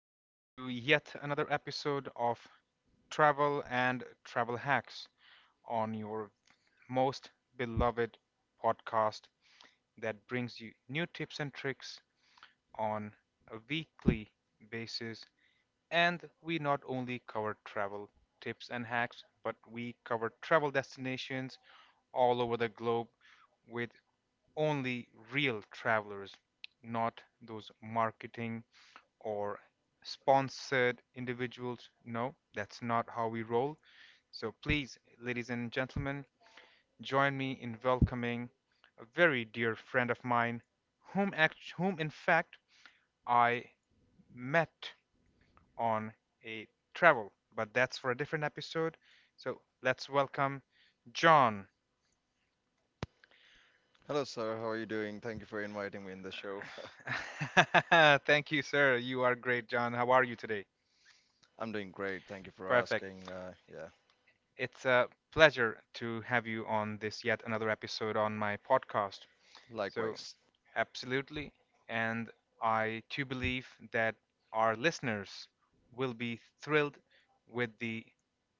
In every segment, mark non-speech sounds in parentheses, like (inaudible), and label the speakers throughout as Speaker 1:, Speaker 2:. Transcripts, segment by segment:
Speaker 1: welcome to yet another episode of Travel and Travel Hacks on your most beloved podcast that brings you new tips and tricks on a weekly basis. And we not only cover travel tips and hacks, but we cover travel destinations all over the globe with only real travelers, not those marketing or sponsored individuals. No, that's not how we roll. So please, ladies and gentlemen, join me in welcoming a very dear friend of mine, whom in fact I met on a travel, but that's for a different episode. So let's welcome John.
Speaker 2: Hello, sir. How are you doing? Thank you for inviting me in the show.
Speaker 1: (laughs) Thank you, sir. You are great, John. How are you today?
Speaker 2: I'm doing great. Thank you for
Speaker 1: Right.
Speaker 2: asking. Yeah,
Speaker 1: It's a pleasure to have you on this yet another episode on my podcast.
Speaker 2: likewise.
Speaker 1: Absolutely. And I too believe that our listeners will be thrilled with the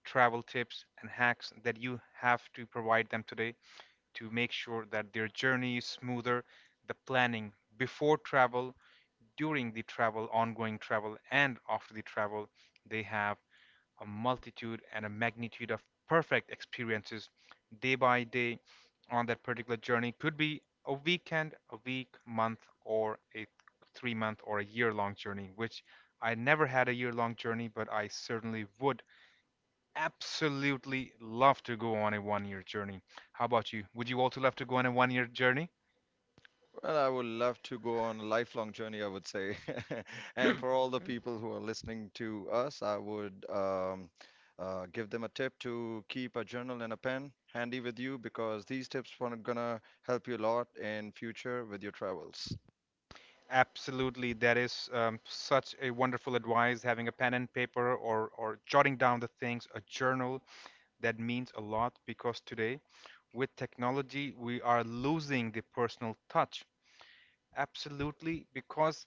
Speaker 1: travel tips and hacks that you have to provide them today to make sure that their journey is smoother, the planning before travel, during the travel, ongoing travel, and after the travel, they have a multitude and a magnitude of perfect experiences day by day on that particular journey. Could be a weekend, a week, month, or a 3 month or a year long journey, which I never had a year long journey, but I certainly would absolutely love to go on a 1 year journey. How about you? Would you also love to go on a 1 year journey?
Speaker 2: Well, I would love to go on a lifelong journey, I would say. (laughs) And for all the people who are listening to us, I would give them a tip to keep a journal and a pen handy with you because these tips are gonna help you a lot in future with your travels.
Speaker 1: Absolutely, that is such a wonderful advice. Having a pen and paper, or jotting down the things, a journal. That means a lot because today, with technology, we are losing the personal touch. Absolutely, because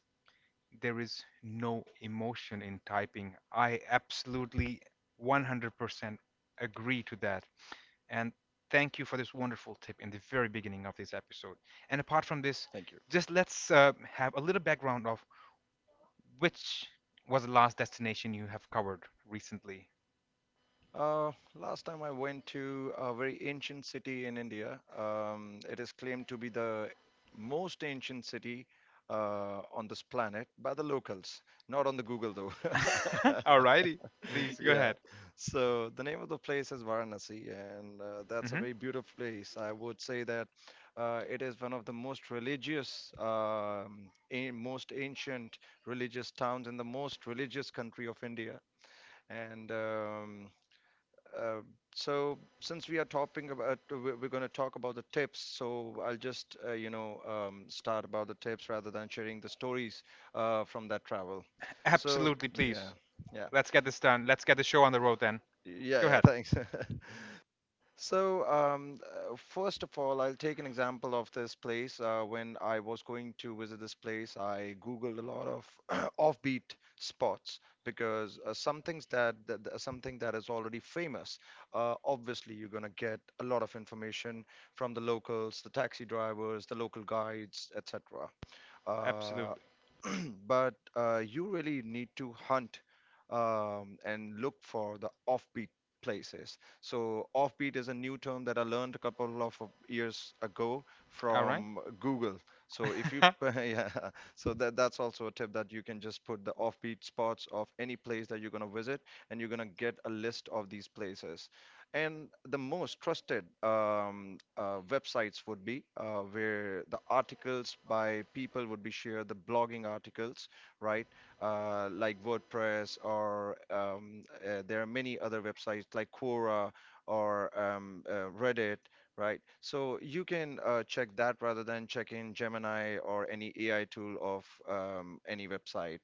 Speaker 1: there is no emotion in typing. I absolutely 100% agree to that. And thank you for this wonderful tip in the very beginning of this episode. And apart from this,
Speaker 2: Thank you.
Speaker 1: just let's have a little background of which was the last destination you have covered recently.
Speaker 2: Last time I went to a very ancient city in India. It is claimed to be the most ancient city on this planet by the locals, not on the Google though. (laughs)
Speaker 1: (laughs) Alrighty, please go
Speaker 2: Yeah.
Speaker 1: ahead.
Speaker 2: So the name of the place is Varanasi, and that's a
Speaker 1: Mhm.
Speaker 2: very beautiful place. I would say that it is one of the most religious, most ancient religious towns in the most religious country of India. And uh, so since we are talking about we're going to talk about the tips, so I'll just start about the tips rather than sharing the stories from that travel. So
Speaker 1: Absolutely, please.
Speaker 2: yeah yeah
Speaker 1: Let's get this done. Let's get the show on the road then.
Speaker 2: yeah
Speaker 1: Go
Speaker 2: yeah
Speaker 1: ahead.
Speaker 2: thanks. (laughs) So, first of all, I'll take an example of this place. When I was going to visit this place, I Googled a lot of (clears throat) offbeat spots because some things something that is already famous, obviously you're gonna get a lot of information from the locals, the taxi drivers, the local guides, etc.
Speaker 1: Absolutely.
Speaker 2: (clears throat) But you really need to hunt and look for the offbeat places. So, offbeat is a new term that I learned a couple of years ago
Speaker 1: All right.
Speaker 2: from Google. So, if you, (laughs)
Speaker 1: (laughs)
Speaker 2: yeah, so that's also a tip that you can just put the offbeat spots of any place that you're gonna visit, and you're gonna get a list of these places, and the most trusted websites would be where the articles by people would be shared, the blogging articles, right? Like WordPress or there are many other websites like Quora or Reddit, right? So you can check that rather than checking Gemini or any AI tool of any website.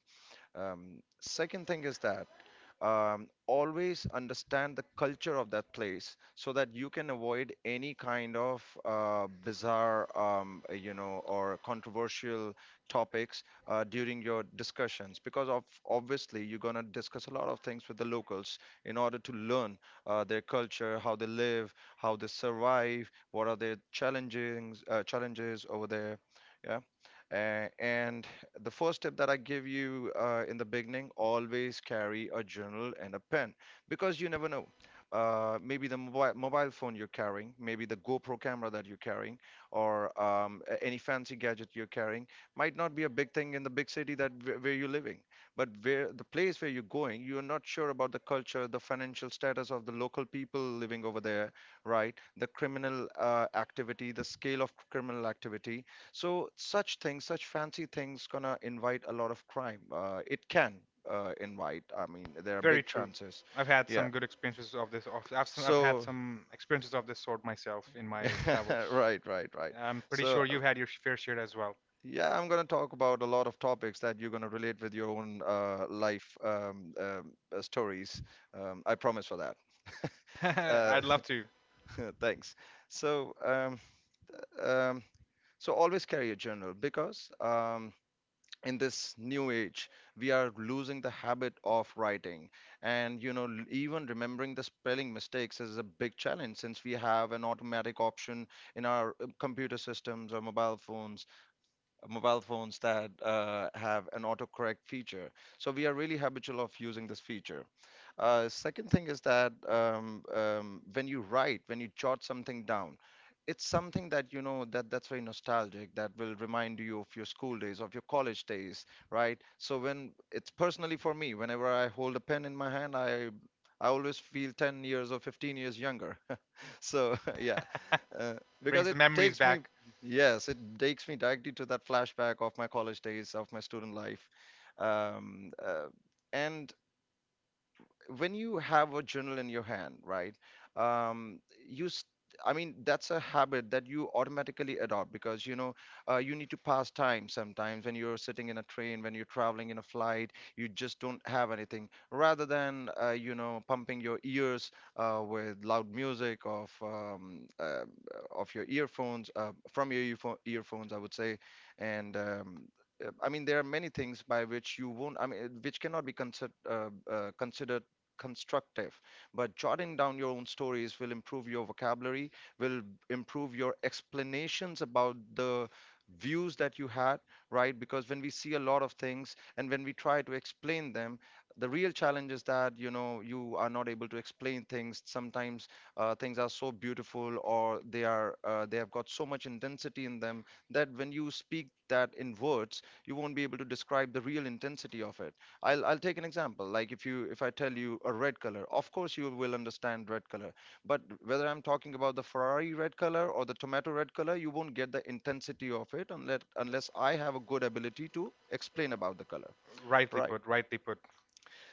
Speaker 2: Um, second thing is that always understand the culture of that place so that you can avoid any kind of bizarre or controversial topics during your discussions, because of obviously you're going to discuss a lot of things with the locals in order to learn their culture, how they live, how they survive, what are their challenges, challenges over there. Yeah. And the first tip that I give you, in the beginning, always carry a journal and a pen because you never know. Maybe the mobile phone you're carrying, maybe the GoPro camera that you're carrying, or any fancy gadget you're carrying might not be a big thing in the big city that where you're living. But where the place where you're going, you're not sure about the culture, the financial status of the local people living over there, right? The criminal activity, the scale of criminal activity, so such things, such fancy things, gonna invite a lot of crime. It can invite. I mean, there are
Speaker 1: Very
Speaker 2: big
Speaker 1: true.
Speaker 2: chances.
Speaker 1: I've had
Speaker 2: Yeah.
Speaker 1: some good experiences of this. I've had
Speaker 2: So,
Speaker 1: some experiences of this sort myself in my
Speaker 2: (laughs)
Speaker 1: travels.
Speaker 2: right, right, right.
Speaker 1: I'm pretty
Speaker 2: So,
Speaker 1: sure you've had your fair share as well.
Speaker 2: yeah, I'm gonna talk about a lot of topics that you're gonna relate with your own life stories. I promise for that. (laughs)
Speaker 1: (laughs)
Speaker 2: Uh,
Speaker 1: I'd love to.
Speaker 2: (laughs) thanks. So, um, so always carry a journal because in this new age, we are losing the habit of writing, and even remembering the spelling mistakes is a big challenge since we have an automatic option in our computer systems or mobile phones that have an autocorrect feature. So we are really habitual of using this feature. Second thing is that when you write, when you jot something down, it's something that you know that that's very nostalgic. That will remind you of your school days, of your college days, right? So when it's personally for me, whenever I hold a pen in my hand, I always feel 10 years or 15 years younger. (laughs) So, (laughs) yeah, uh,
Speaker 1: (laughs)
Speaker 2: because
Speaker 1: Brings the
Speaker 2: it
Speaker 1: memories
Speaker 2: takes me,
Speaker 1: back.
Speaker 2: yes, it takes me directly to that flashback of my college days, of my student life, um, uh, and when you have a journal in your hand, right? Um, you, s- I mean, that's a habit that you automatically adopt because you know you need to pass time sometimes when you're sitting in a train, when you're traveling in a flight, you just don't have anything. Rather than pumping your ears with loud music of your earphones, earphones, I would say, and I mean, there are many things by which you won't, I mean, which cannot be considered considered constructive, but jotting down your own stories will improve your vocabulary, will improve your explanations about the views that you had, right? Because when we see a lot of things and when we try to explain them, the real challenge is that you know you are not able to explain things. Sometimes things are so beautiful, or they are they have got so much intensity in them that when you speak that in words, you won't be able to describe the real intensity of it. I'll take an example. Like if I tell you a red color, of course you will understand red color. But whether I'm talking about the Ferrari red color or the tomato red color, you won't get the intensity of it unless I have a good ability to explain about the color.
Speaker 1: Rightly
Speaker 2: Right.
Speaker 1: put, rightly put.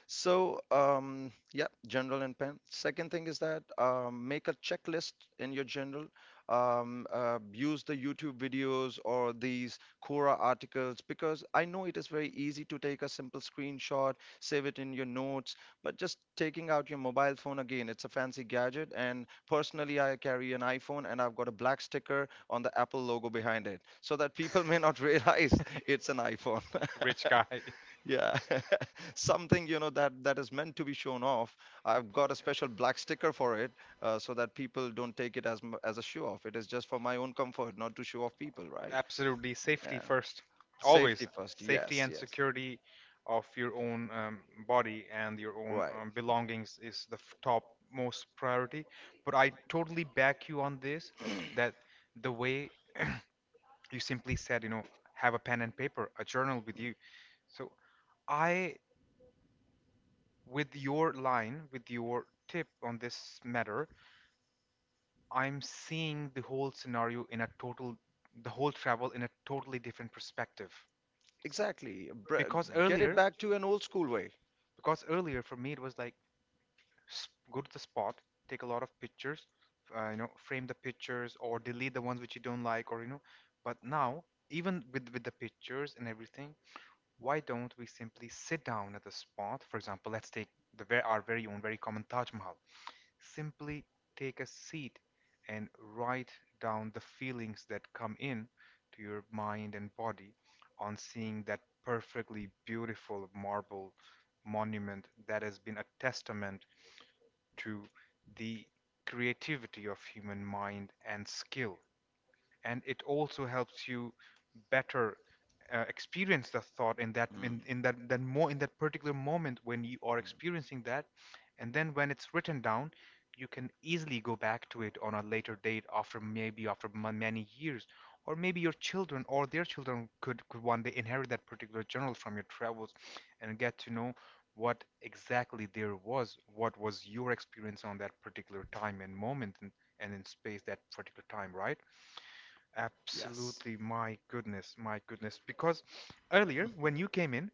Speaker 2: So, yeah, general and pen. Second thing is that make a checklist in your general. Use the YouTube videos or these Quora articles, because I know it is very easy to take a simple screenshot, save it in your notes, but just taking out your mobile phone again, it's a fancy gadget. And personally, I carry an iPhone and I've got a black sticker on the Apple logo behind it so that people may not (laughs) realize it's an iPhone.
Speaker 1: Rich guy. (laughs)
Speaker 2: Yeah, (laughs) something you know that is meant to be shown off. I've got a special black sticker for it, so that people don't take it as a show off. It is just for my own comfort, not to show off people, right?
Speaker 1: Absolutely, safety
Speaker 2: Yeah,
Speaker 1: first.
Speaker 2: safety
Speaker 1: Always
Speaker 2: first.
Speaker 1: safety
Speaker 2: Yes,
Speaker 1: and
Speaker 2: yes,
Speaker 1: security of your own body and your own
Speaker 2: right.
Speaker 1: belongings is the top most priority. But I totally back you on this
Speaker 2: (clears throat)
Speaker 1: that the way you simply said, you know, have a pen and paper, a journal with you. So I, with your line, with your tip on this matter, I'm seeing the whole scenario in a total, the whole travel in a totally different perspective.
Speaker 2: Exactly. Br-
Speaker 1: Because
Speaker 2: get it
Speaker 1: earlier,
Speaker 2: back to an old school way.
Speaker 1: because earlier for me it was like go to the spot, take a lot of pictures, you know, frame the pictures or delete the ones which you don't like or you know. But now, even with the pictures and everything, why don't we simply sit down at the spot? For example, let's take the very, our very own, very common Taj Mahal. Simply take a seat and write down the feelings that come in to your mind and body on seeing that perfectly beautiful marble monument that has been a testament to the creativity of human mind and skill. And it also helps you better experience the thought
Speaker 2: Mm,
Speaker 1: in that then more in that particular moment when you are
Speaker 2: mm.
Speaker 1: experiencing that. And then when it's written down, you can easily go back to it on a later date, after maybe after many years, or maybe your children or their could one day inherit that particular journal from your travels and get to know what exactly there was, what was your experience on that particular time and moment, and in space, that particular time, right?
Speaker 2: Yes.
Speaker 1: Absolutely, my goodness, my goodness. Because earlier, when you came in,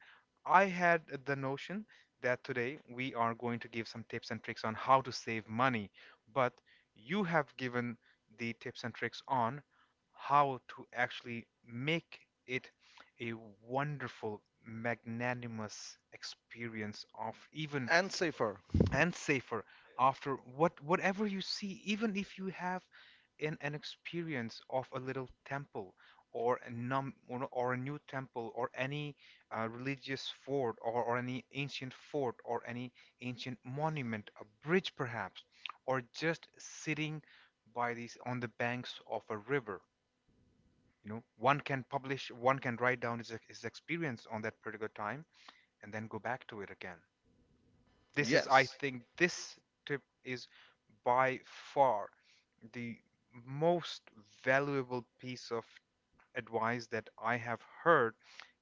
Speaker 1: I had the notion that today we are going to give some tips and tricks on how to save money, but you have given the tips and tricks on how to actually make it a wonderful, magnanimous experience of even
Speaker 2: And safer.
Speaker 1: and safer after what whatever you see. Even if you have an experience of a little temple, or a num or, no, or a new temple, or any religious fort, or any ancient fort, or any ancient monument, a bridge perhaps, or just sitting by these on the banks of a river, you know, one can write down his experience on that particular time and then go back to it again. This is, I
Speaker 2: Yes.
Speaker 1: think, this tip is by far the most valuable piece of advice that I have heard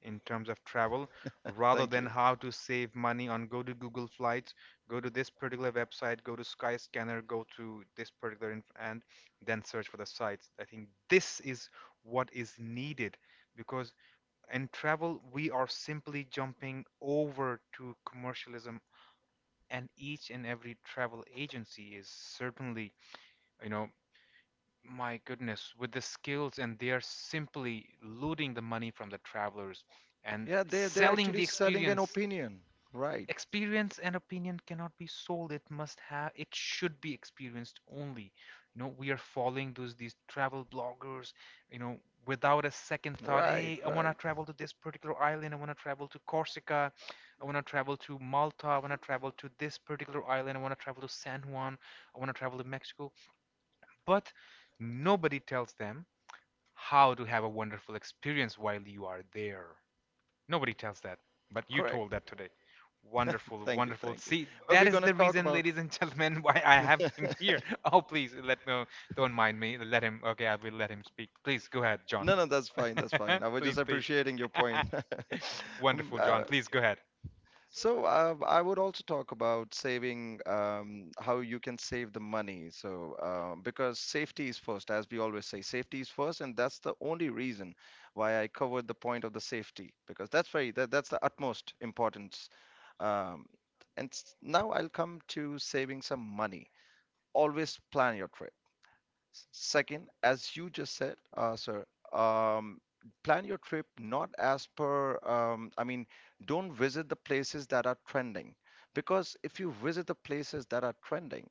Speaker 1: in terms of travel, rather
Speaker 2: Thank you.
Speaker 1: than how to save money on go to Google Flights, go to this particular website, go to Skyscanner, go to this particular inf- and then search for the sites. I think this is what is needed because in travel we are simply jumping over to commercialism, and each and every travel agency is, certainly, you know, my goodness, with the skills, and they are simply looting the money from the travelers and
Speaker 2: Yeah, they're
Speaker 1: selling the
Speaker 2: actually selling an
Speaker 1: experience.
Speaker 2: opinion. Right.
Speaker 1: Experience and opinion cannot be sold. It must have it should be experienced only. You know, we are following those these travel bloggers, you know, without a second thought.
Speaker 2: Right.
Speaker 1: Hey, I want
Speaker 2: Right.
Speaker 1: to travel to this particular island, I want to travel to Corsica, I want to travel to Malta, I want to travel to this particular island, I want to travel to San Juan, I want to travel to Mexico. But nobody tells them how to have a wonderful experience while you are there. Nobody tells that, but you told
Speaker 2: Correct.
Speaker 1: that today. Wonderful,
Speaker 2: Thank you.
Speaker 1: wonderful.
Speaker 2: Thank you.
Speaker 1: See,
Speaker 2: But
Speaker 1: that
Speaker 2: we're
Speaker 1: is
Speaker 2: gonna
Speaker 1: the
Speaker 2: talk
Speaker 1: reason,
Speaker 2: about
Speaker 1: ladies and (laughs) gentlemen, why I have him
Speaker 2: (laughs)
Speaker 1: here. (laughs) Oh, please let me. Don't mind me. Let him. Okay, I will let him speak. Please go ahead, John.
Speaker 2: no, no, that's fine. That's
Speaker 1: (laughs)
Speaker 2: fine. I was just
Speaker 1: Please, please.
Speaker 2: appreciating your point. (laughs)
Speaker 1: (laughs)
Speaker 2: Mm,
Speaker 1: Wonderful, John.
Speaker 2: uh,
Speaker 1: Please go ahead.
Speaker 2: So I would also talk about saving, how you can save the money. So because safety is first, as we always say, safety is first, and that's the only reason why I covered the point of the safety because that's that's the utmost importance. Um, Now I'll come to saving some money. Always plan your trip. Second, as you just said, sir, um, plan your trip not as per, I mean, don't visit the places that are trending. Because if you visit the places that are trending,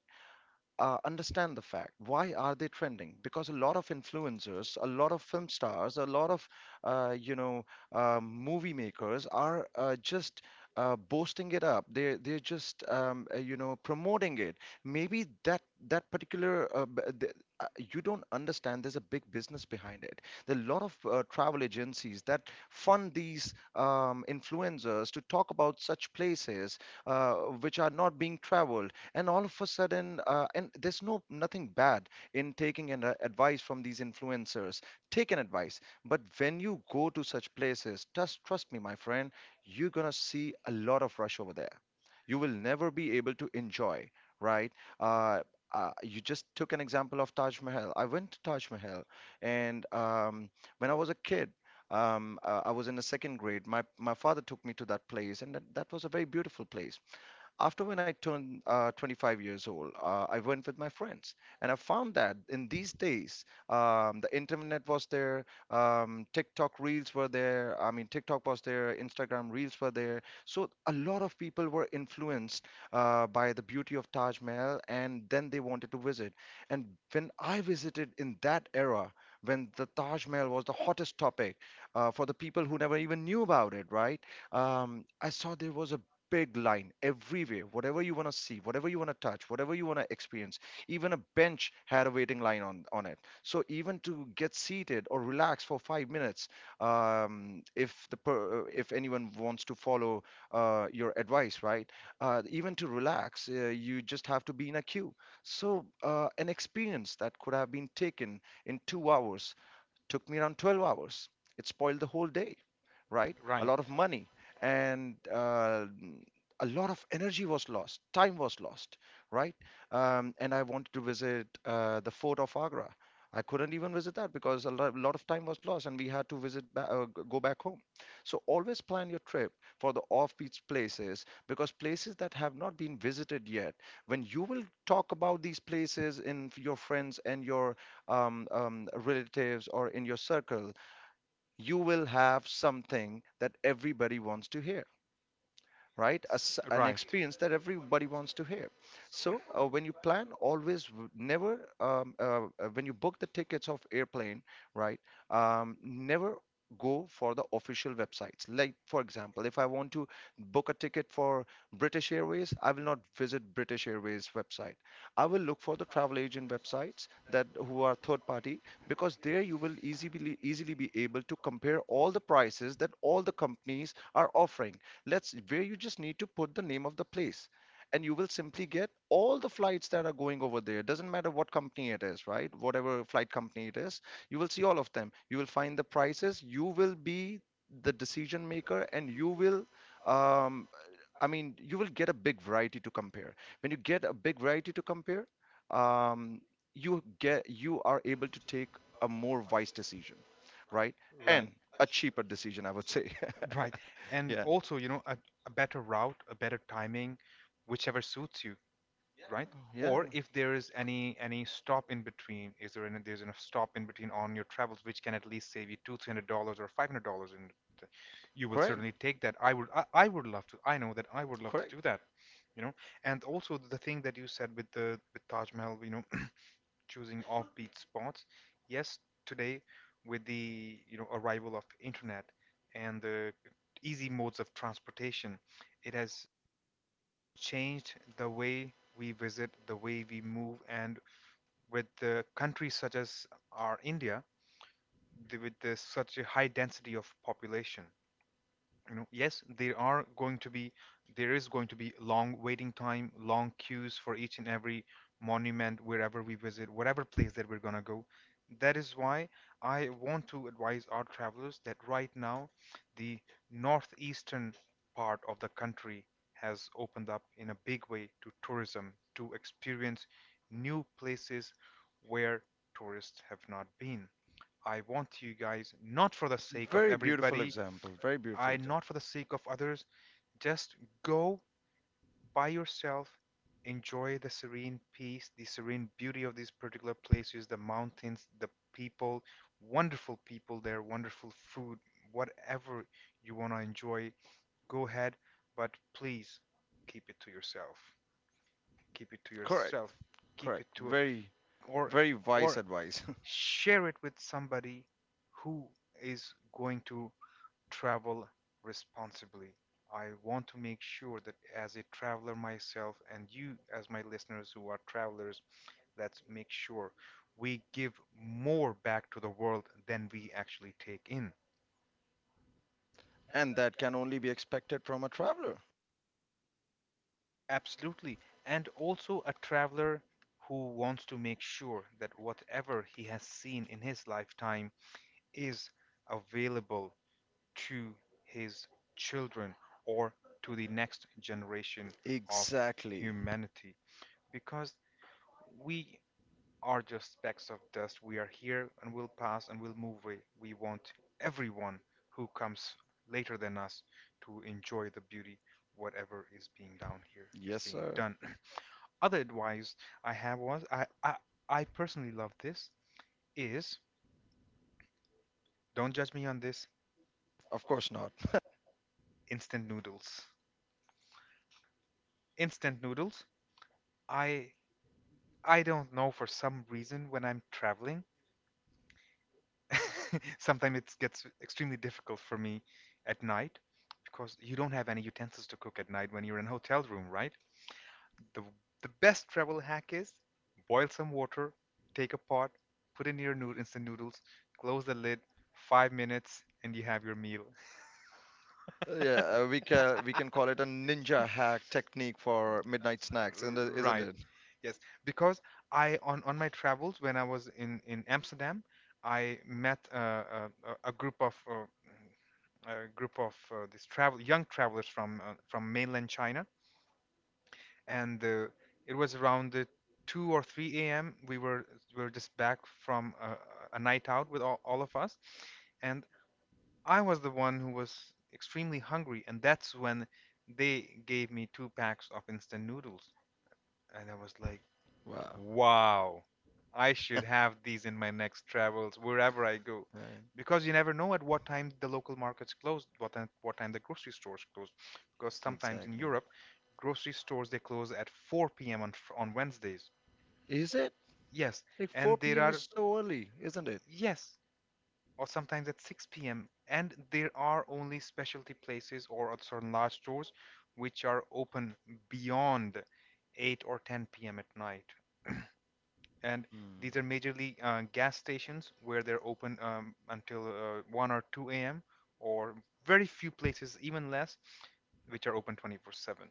Speaker 2: understand the fact why are they trending, because a lot of influencers, a lot of film stars, a lot of uh, you know movie makers are just boasting it up, they're just promoting it. Maybe that particular you don't understand, there's a big business behind it. There are a lot of travel agencies that fund these influencers to talk about such places uh, which are not being traveled, and all of a sudden, and there's no nothing bad in taking an advice from these influencers. Take an advice, but when you go to such places, just trust me, my friend, you're gonna see a lot of rush over there. You will never be able to enjoy, right? uh, you just took an example of Taj Mahal. I went to Taj Mahal, and when I was a kid, I was in the second grade. My father took me to that place, and that was a very beautiful place. After when I turned 25 years old, I went with my friends, and I found that in these days, the internet was there, TikTok reels were there. I mean, TikTok was there, Instagram reels were there. So a lot of people were influenced by the beauty of Taj Mahal, and then they wanted to visit. And when I visited in that era, when the Taj Mahal was the hottest topic for the people who never even knew about it, right? I saw there was a big line everywhere, whatever you want to see, whatever you want to touch, whatever you want to experience. Even a bench had a waiting line on it, so even to get seated or relax for 5 minutes, if the per, if anyone wants to follow your advice, right, even to relax you just have to be in a queue. So an experience that could have been taken in 2 hours took me around 12 hours. It spoiled the whole day, right? A
Speaker 1: Right,
Speaker 2: lot of money, and a lot of energy was lost, time was lost, right? And I wanted to visit the fort of Agra. I couldn't even visit that because lot of time was lost and we had to visit go back home. So always plan your trip for the off-beat places, because places that have not been visited yet, when you will talk about these places in your friends and your relatives or in your circle, you will have something that everybody wants to hear, right? As an
Speaker 1: right,
Speaker 2: experience that everybody wants to hear. So when you plan, always w- never when you book the tickets of airplane, right? Never go for the official websites. Like for example, if I want to book a ticket for British Airways, I will not visit British Airways website. I will look for the travel agent websites that who are third party, because there you will easily be able to compare all the prices that all the companies are offering. Let's where you just need to put the name of the place, and you will simply get all the flights that are going over there. Doesn't matter what company it is, right, whatever flight company it is, you will see all of them. You will find the prices, you will be the decision maker, and you will, um, I mean, you will get a big variety to compare. When you get a big variety to compare, um, you get, you are able to take a more wise decision, right?
Speaker 1: right,
Speaker 2: And a cheaper decision, I would say.
Speaker 1: right.
Speaker 2: (laughs)
Speaker 1: And
Speaker 2: Yeah,
Speaker 1: also, you know, a better route, a better timing, whichever suits you. Right? Or
Speaker 2: yeah.
Speaker 1: if there is any stop in between, is there any there's enough stop in between on your travels which can at least save you two, $300 or $500, and you will
Speaker 2: Correct,
Speaker 1: certainly take that. I would love to. I know that I would love to do
Speaker 2: correct.
Speaker 1: that. You know, and also the thing that you said with the with Taj Mahal, you know, (clears throat) choosing offbeat spots. Yes, today with the, you know, arrival of internet and the easy modes of transportation, it has changed the way we visit, the way we move, and with the countries such as our India, the, with this, such a high density of population, you know, yes, there is going to be long waiting time, long queues for each and every monument wherever we visit, whatever place that we're going to go. That is why I want to advise our travelers that right now the northeastern part of the country has opened up in a big way to tourism, to experience new places where tourists have not been. I want you guys, not for the sake of
Speaker 2: Very beautiful
Speaker 1: everybody,
Speaker 2: example. Very beautiful
Speaker 1: I
Speaker 2: example.
Speaker 1: not for the sake of others. Just go by yourself, enjoy the serene peace, the serene beauty of these particular places, the mountains, the people, wonderful people there, wonderful food, whatever you want to enjoy, go ahead, but please keep it to yourself. Keep it to
Speaker 2: Correct,
Speaker 1: yourself. Keep
Speaker 2: correct.
Speaker 1: it to
Speaker 2: Very,
Speaker 1: or
Speaker 2: very wise
Speaker 1: or
Speaker 2: advice.
Speaker 1: share it with somebody who is going to travel responsibly. I want to make sure that as a traveler myself and you as my listeners who are travelers, let's make sure we give more back to the world than we actually take in.
Speaker 2: (laughs) And that can only be expected from a traveler.
Speaker 1: Absolutely. And also a traveler who wants to make sure that whatever he has seen in his lifetime is available to his children or to the next generation of
Speaker 2: Exactly.
Speaker 1: humanity. Because we are just specks of dust. We are here and we'll pass and we'll move away. We want everyone who comes later than us to enjoy the beauty, whatever is being down here is
Speaker 2: Yes,
Speaker 1: being
Speaker 2: sir.
Speaker 1: done. (clears throat) Other advice I have was I personally love this, is, don't judge me on this,
Speaker 2: Of course not. (laughs)
Speaker 1: instant noodles. Instant noodles. I I don't know, for some reason when I'm traveling (laughs) sometimes it gets extremely difficult for me at night because you don't have any utensils to cook at night when you're in a hotel room, right? The the best travel hack is boil some water, take a pot, put in your nood instant noodles, close the lid, 5 minutes, and you have your meal.
Speaker 2: Yeah, we
Speaker 1: (laughs)
Speaker 2: can, we can call it a ninja hack technique for midnight snacks, isn't it? Isn't
Speaker 1: Right.
Speaker 2: it?
Speaker 1: Yes, because I on my travels when I was in Amsterdam, I met a, a group of a group of these travel young travelers from mainland China, and it was around the two or three a.m. We were just back from a night out with all of us, and I was the one who was extremely hungry, and that's when they gave me two packs of instant noodles. And I was like,
Speaker 2: Wow.
Speaker 1: wow, I should have these in my next travels wherever I go.
Speaker 2: Right.
Speaker 1: Because you never know at what time the local markets close, what time the grocery stores close. Because sometimes in
Speaker 2: Exactly.
Speaker 1: Europe, grocery stores they close at 4 p.m. on, on Wednesdays.
Speaker 2: Is it?
Speaker 1: Yes,
Speaker 2: Like
Speaker 1: and
Speaker 2: 4
Speaker 1: there
Speaker 2: p.m.
Speaker 1: are
Speaker 2: is so early, isn't it?
Speaker 1: yes, or sometimes at 6 p.m. And there are only specialty places or at certain large stores which are open beyond 8 or 10 p.m. at night. And these
Speaker 2: Hmm.
Speaker 1: are majorly gas stations where they're open until 1 or 2 a.m. or very few places, even less, which are open 24/7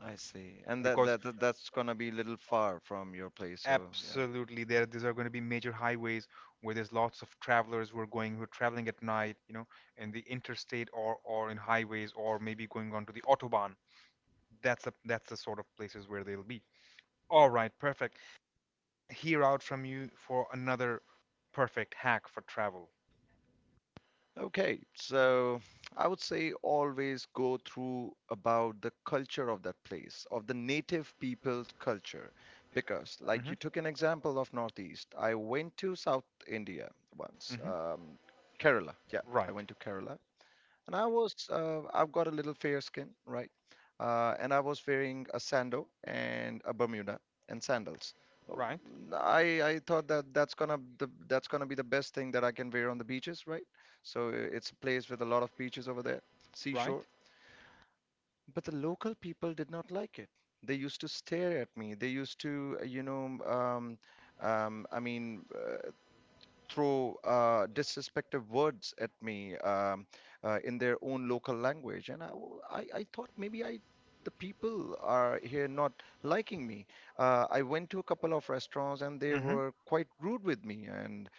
Speaker 2: I see. And that,
Speaker 1: because
Speaker 2: that that that's gonna be a little far from your place, so yeah.
Speaker 1: absolutely there these are going to be major highways where there's lots of travelers who are traveling at night, you know, in the interstate or in highways or maybe going onto the autobahn. That's the sort of places where they'll be. All right, perfect. Hear out from you for another perfect hack for travel.
Speaker 2: Okay, so I would say always go through about the culture of that place, of the native people's culture. Because, like
Speaker 1: Hmm.
Speaker 2: you took an example of Northeast, I went to South India once,
Speaker 1: Hmm.
Speaker 2: Kerala. Yeah, I
Speaker 1: Right.
Speaker 2: went to Kerala and I was I've got a little fair skin, right? And I was wearing a sandal and a Bermuda and sandals. Oh,
Speaker 1: Right.
Speaker 2: I thought that that's gonna be the best thing that I can wear on the beaches, right? So it's a place with a lot of beaches over there, seashore.
Speaker 1: Right.
Speaker 2: But the local people did not like it. They used to stare at me. They used to, um, I mean, uh, throw disrespectful words at me, in their own local language. And I thought maybe I, the people are here not liking me. I went to a couple of restaurants and they
Speaker 1: Hmm.
Speaker 2: were quite rude with me. And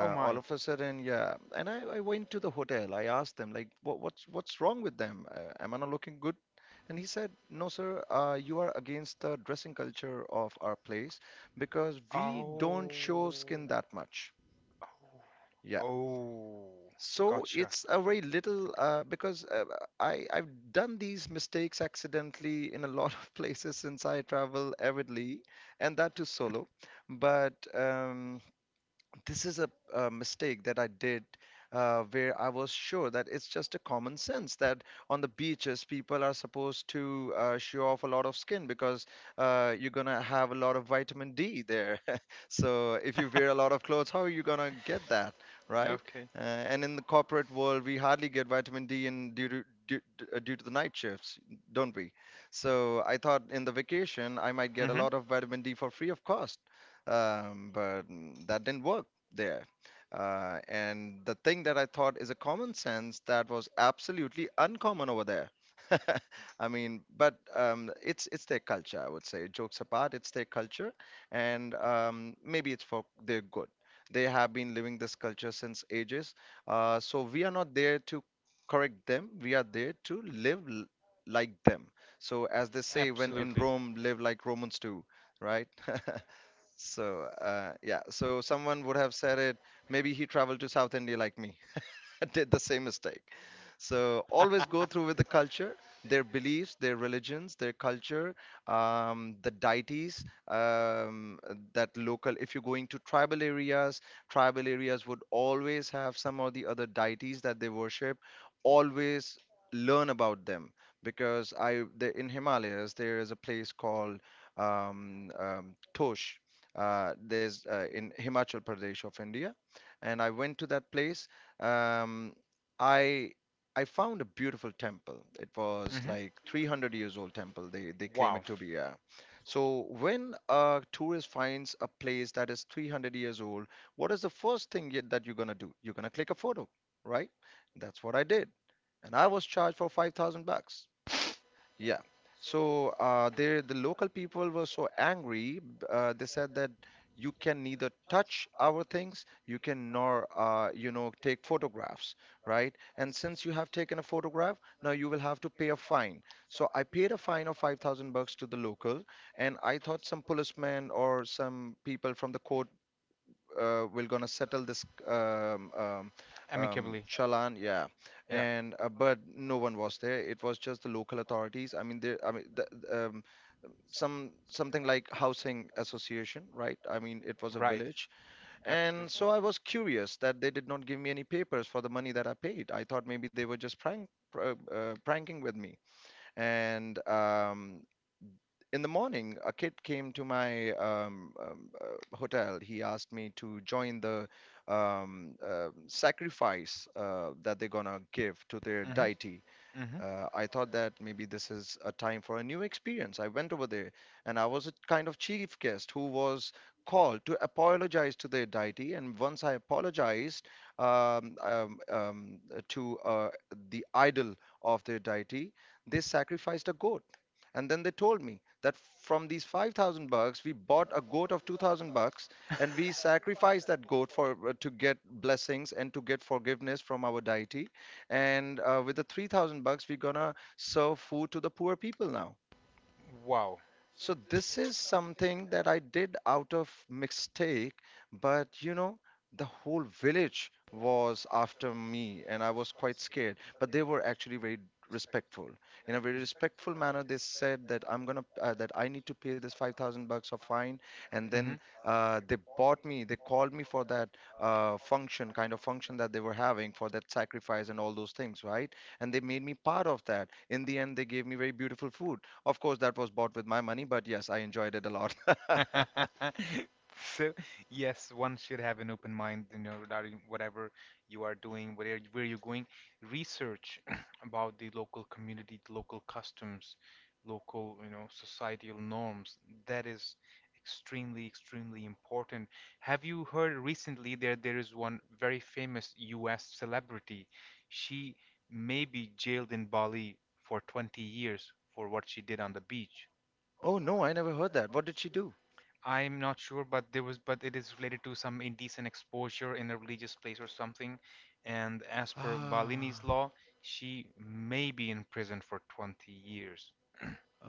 Speaker 1: Oh
Speaker 2: all
Speaker 1: my.
Speaker 2: of a sudden, yeah. And I went to the hotel. I asked them like, what's wrong with them? Am I not looking good? And he said, no, sir, you are against the dressing culture of our place because we don't
Speaker 1: Oh.
Speaker 2: show skin that much. Yeah.
Speaker 1: Oh. Oh,
Speaker 2: So
Speaker 1: gotcha.
Speaker 2: it's a very little because I I've done these mistakes accidentally in a (laughs) lot of places since I travel avidly, and that too solo. But this is a mistake that I did where I was sure that it's just a common sense that on the beaches people are supposed to show off a lot of skin, because you're gonna have a lot of vitamin D there. (laughs) So if you wear a lot of clothes, how are you gonna get that, right?
Speaker 1: Okay.
Speaker 2: And in the corporate world, we hardly get vitamin D in due to the night shifts, don't we? So I thought in the vacation I might get a
Speaker 1: Mm-hmm.
Speaker 2: lot of vitamin D for free of cost, but that didn't work there. And the thing that I thought is a common sense that was absolutely uncommon over there. (laughs) I mean, but it's their culture, I would say. Jokes apart, it's their culture, and maybe it's for their good. They have been living this culture since ages, so we are not there to correct them. We are there to live like them. So, as they say, when in
Speaker 1: Absolutely.
Speaker 2: Rome, live like Romans do, right? (laughs) So yeah, so someone would have said it. Maybe he traveled to South India like me. (laughs) Did the same mistake. So always go through with the culture, their beliefs, their religions, their culture, the deities, um, that local. If you're going to tribal areas would always have some or the other deities that they worship. Always learn about them, because in Himalayas there is a place called Tosh. There's In Himachal Pradesh of India, and I went to that place. um, I I found a beautiful temple. It was
Speaker 1: Mm-hmm.
Speaker 2: like 300 years old temple. They claim
Speaker 1: Wow.
Speaker 2: it to be. Yeah. So when a tourist finds a place that is 300 years old, what is the first thing that you're gonna do? You're gonna click a photo, right? That's what I did, and I was charged for 5,000 bucks. Yeah. So the local people were so angry. They said that you can neither touch our things, you can nor you know, take photographs, right? And since you have taken a photograph, now you will have to pay a fine. So I paid a fine of 5,000 bucks to the local, and I thought some policeman or some people from the court we're gonna settle this
Speaker 1: Amicably.
Speaker 2: chalan, yeah.
Speaker 1: Yeah.
Speaker 2: And but no one was there. It was just the local authorities. I mean, there. I mean, the, um, some something like housing association, right? I mean, it was a
Speaker 1: Right.
Speaker 2: village, and
Speaker 1: Absolutely.
Speaker 2: so I was curious that they did not give me any papers for the money that I paid. I thought maybe they were just pranking with me, and in the morning, a kid came to my hotel. He asked me to join the sacrifice that they're gonna give to their
Speaker 1: Mm-hmm.
Speaker 2: deity.
Speaker 1: Mm-hmm.
Speaker 2: I thought that maybe this is a time for a new experience. I went over there and I was a kind of chief guest who was called to apologize to the deity. And once I apologized um, um, um, to the idol of their deity, they sacrificed a goat. And then they told me that from these 5,000 bucks, we bought a goat of 2,000 bucks, and we sacrificed that goat for to get blessings and to get forgiveness from our deity, and with the 3,000 bucks we're gonna serve food to the poor people now.
Speaker 1: Wow.
Speaker 2: So this is something that I did out of mistake, but you know, the whole village was after me and I was quite scared, but they were actually very respectful. In a very respectful manner, they said that I'm gonna that I need to pay this 5,000 bucks of fine, and then they called me for that kind of function that they were having for that sacrifice and all those things, right? And they made me part of that. In the end, they gave me very beautiful food. Of course, that was bought with my money, but yes, I enjoyed it a lot. (laughs)
Speaker 1: (laughs) So, yes, one should have an open mind, you know, regarding whatever you are doing, where you're going. Research (clears throat) about the local community, the local customs, local, you know, societal norms. That is extremely, extremely important. Have you heard recently there is one very famous US celebrity. She may be jailed in Bali for 20 years for what she did on the beach.
Speaker 2: Oh no, I never heard that. What did she do?
Speaker 1: I'm not sure, but there was, but it is related to some indecent exposure in a religious place or something. And as per
Speaker 2: Ah,
Speaker 1: Balini's law, she may be in prison for 20 years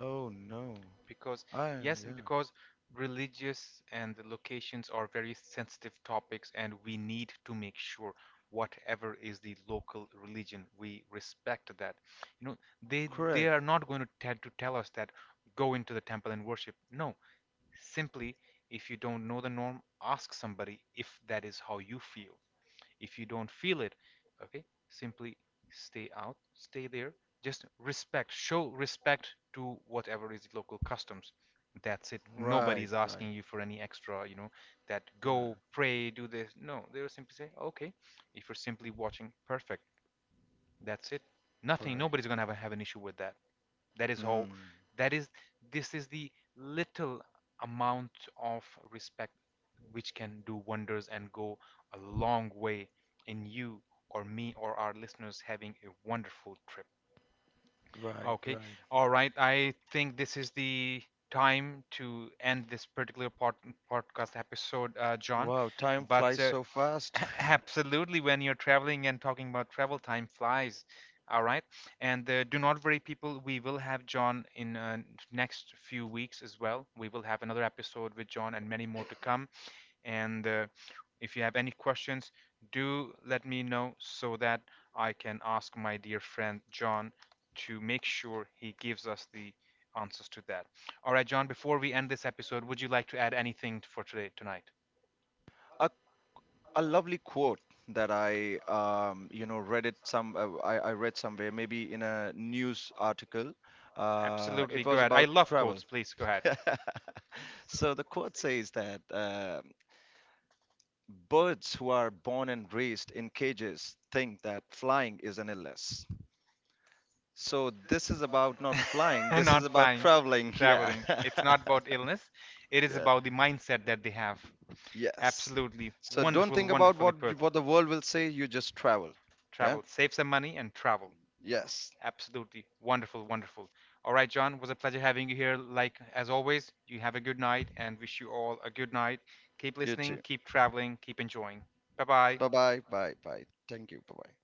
Speaker 2: oh no.
Speaker 1: because,
Speaker 2: I,
Speaker 1: yes, and
Speaker 2: yeah.
Speaker 1: because religious and the locations are very sensitive topics, and we need to make sure whatever is the local religion, we respect that. You know, they
Speaker 2: Correct.
Speaker 1: are not going to tend to tell us that go into the temple and worship. No. Simply, if you don't know the norm, ask somebody if that is how you feel. If you don't feel it, okay, simply stay out, stay there. Just respect, show respect to whatever is local customs. That's it.
Speaker 2: Right,
Speaker 1: Nobody's
Speaker 2: right,
Speaker 1: asking you for any extra, you know, that
Speaker 2: right,
Speaker 1: go, pray, do this. No, they'll simply say, okay, if you're simply watching, perfect. That's it. Nothing,
Speaker 2: correct.
Speaker 1: nobody's going to have an issue with that. That is how,
Speaker 2: Hmm.
Speaker 1: that is, this is the little amount of respect which can do wonders and go a long way in you or me or our listeners having a wonderful trip.
Speaker 2: Right,
Speaker 1: Okay.
Speaker 2: right.
Speaker 1: All right, I think this is the time to end this particular podcast episode, John.
Speaker 2: Wow, time
Speaker 1: But
Speaker 2: flies so fast. (laughs)
Speaker 1: absolutely, when you're traveling and talking about travel, time flies. All right, and do not worry, people. We will have John in next few weeks as well. We will have another episode with John and many more to come. And if you have any questions, do let me know so that I can ask my dear friend John to make sure he gives us the answers to that. All right, John. Before we end this episode, would you like to add anything for today tonight?
Speaker 2: A, a lovely quote that I, you know, read it some, I read somewhere, maybe in a news article.
Speaker 1: Absolutely.
Speaker 2: It
Speaker 1: Go
Speaker 2: was
Speaker 1: ahead. I
Speaker 2: about
Speaker 1: love
Speaker 2: travel.
Speaker 1: quotes. Please go ahead.
Speaker 2: (laughs) So the quote says that birds who are born and raised in cages think that flying is an illness. So this is about not flying,
Speaker 1: (laughs)
Speaker 2: this is
Speaker 1: Not
Speaker 2: about
Speaker 1: flying,
Speaker 2: traveling. (laughs) Yeah.
Speaker 1: traveling.
Speaker 2: (laughs)
Speaker 1: It's not about illness. It is
Speaker 2: Yeah.
Speaker 1: about the mindset that they have.
Speaker 2: Yes.
Speaker 1: Absolutely.
Speaker 2: So don't
Speaker 1: Wonderful,
Speaker 2: think about
Speaker 1: wonderfully put.
Speaker 2: what the world will say, you just travel. Yeah?
Speaker 1: Travel. Save some money and travel.
Speaker 2: Yes.
Speaker 1: Absolutely. Wonderful, wonderful. All right, John, was a pleasure having you here. Like as always, you have a good night and wish you all a good night. Keep
Speaker 2: You
Speaker 1: listening,
Speaker 2: too.
Speaker 1: keep traveling, keep enjoying. Bye bye.
Speaker 2: Bye-bye. Bye. Bye. Bye. Thank you. Bye-bye.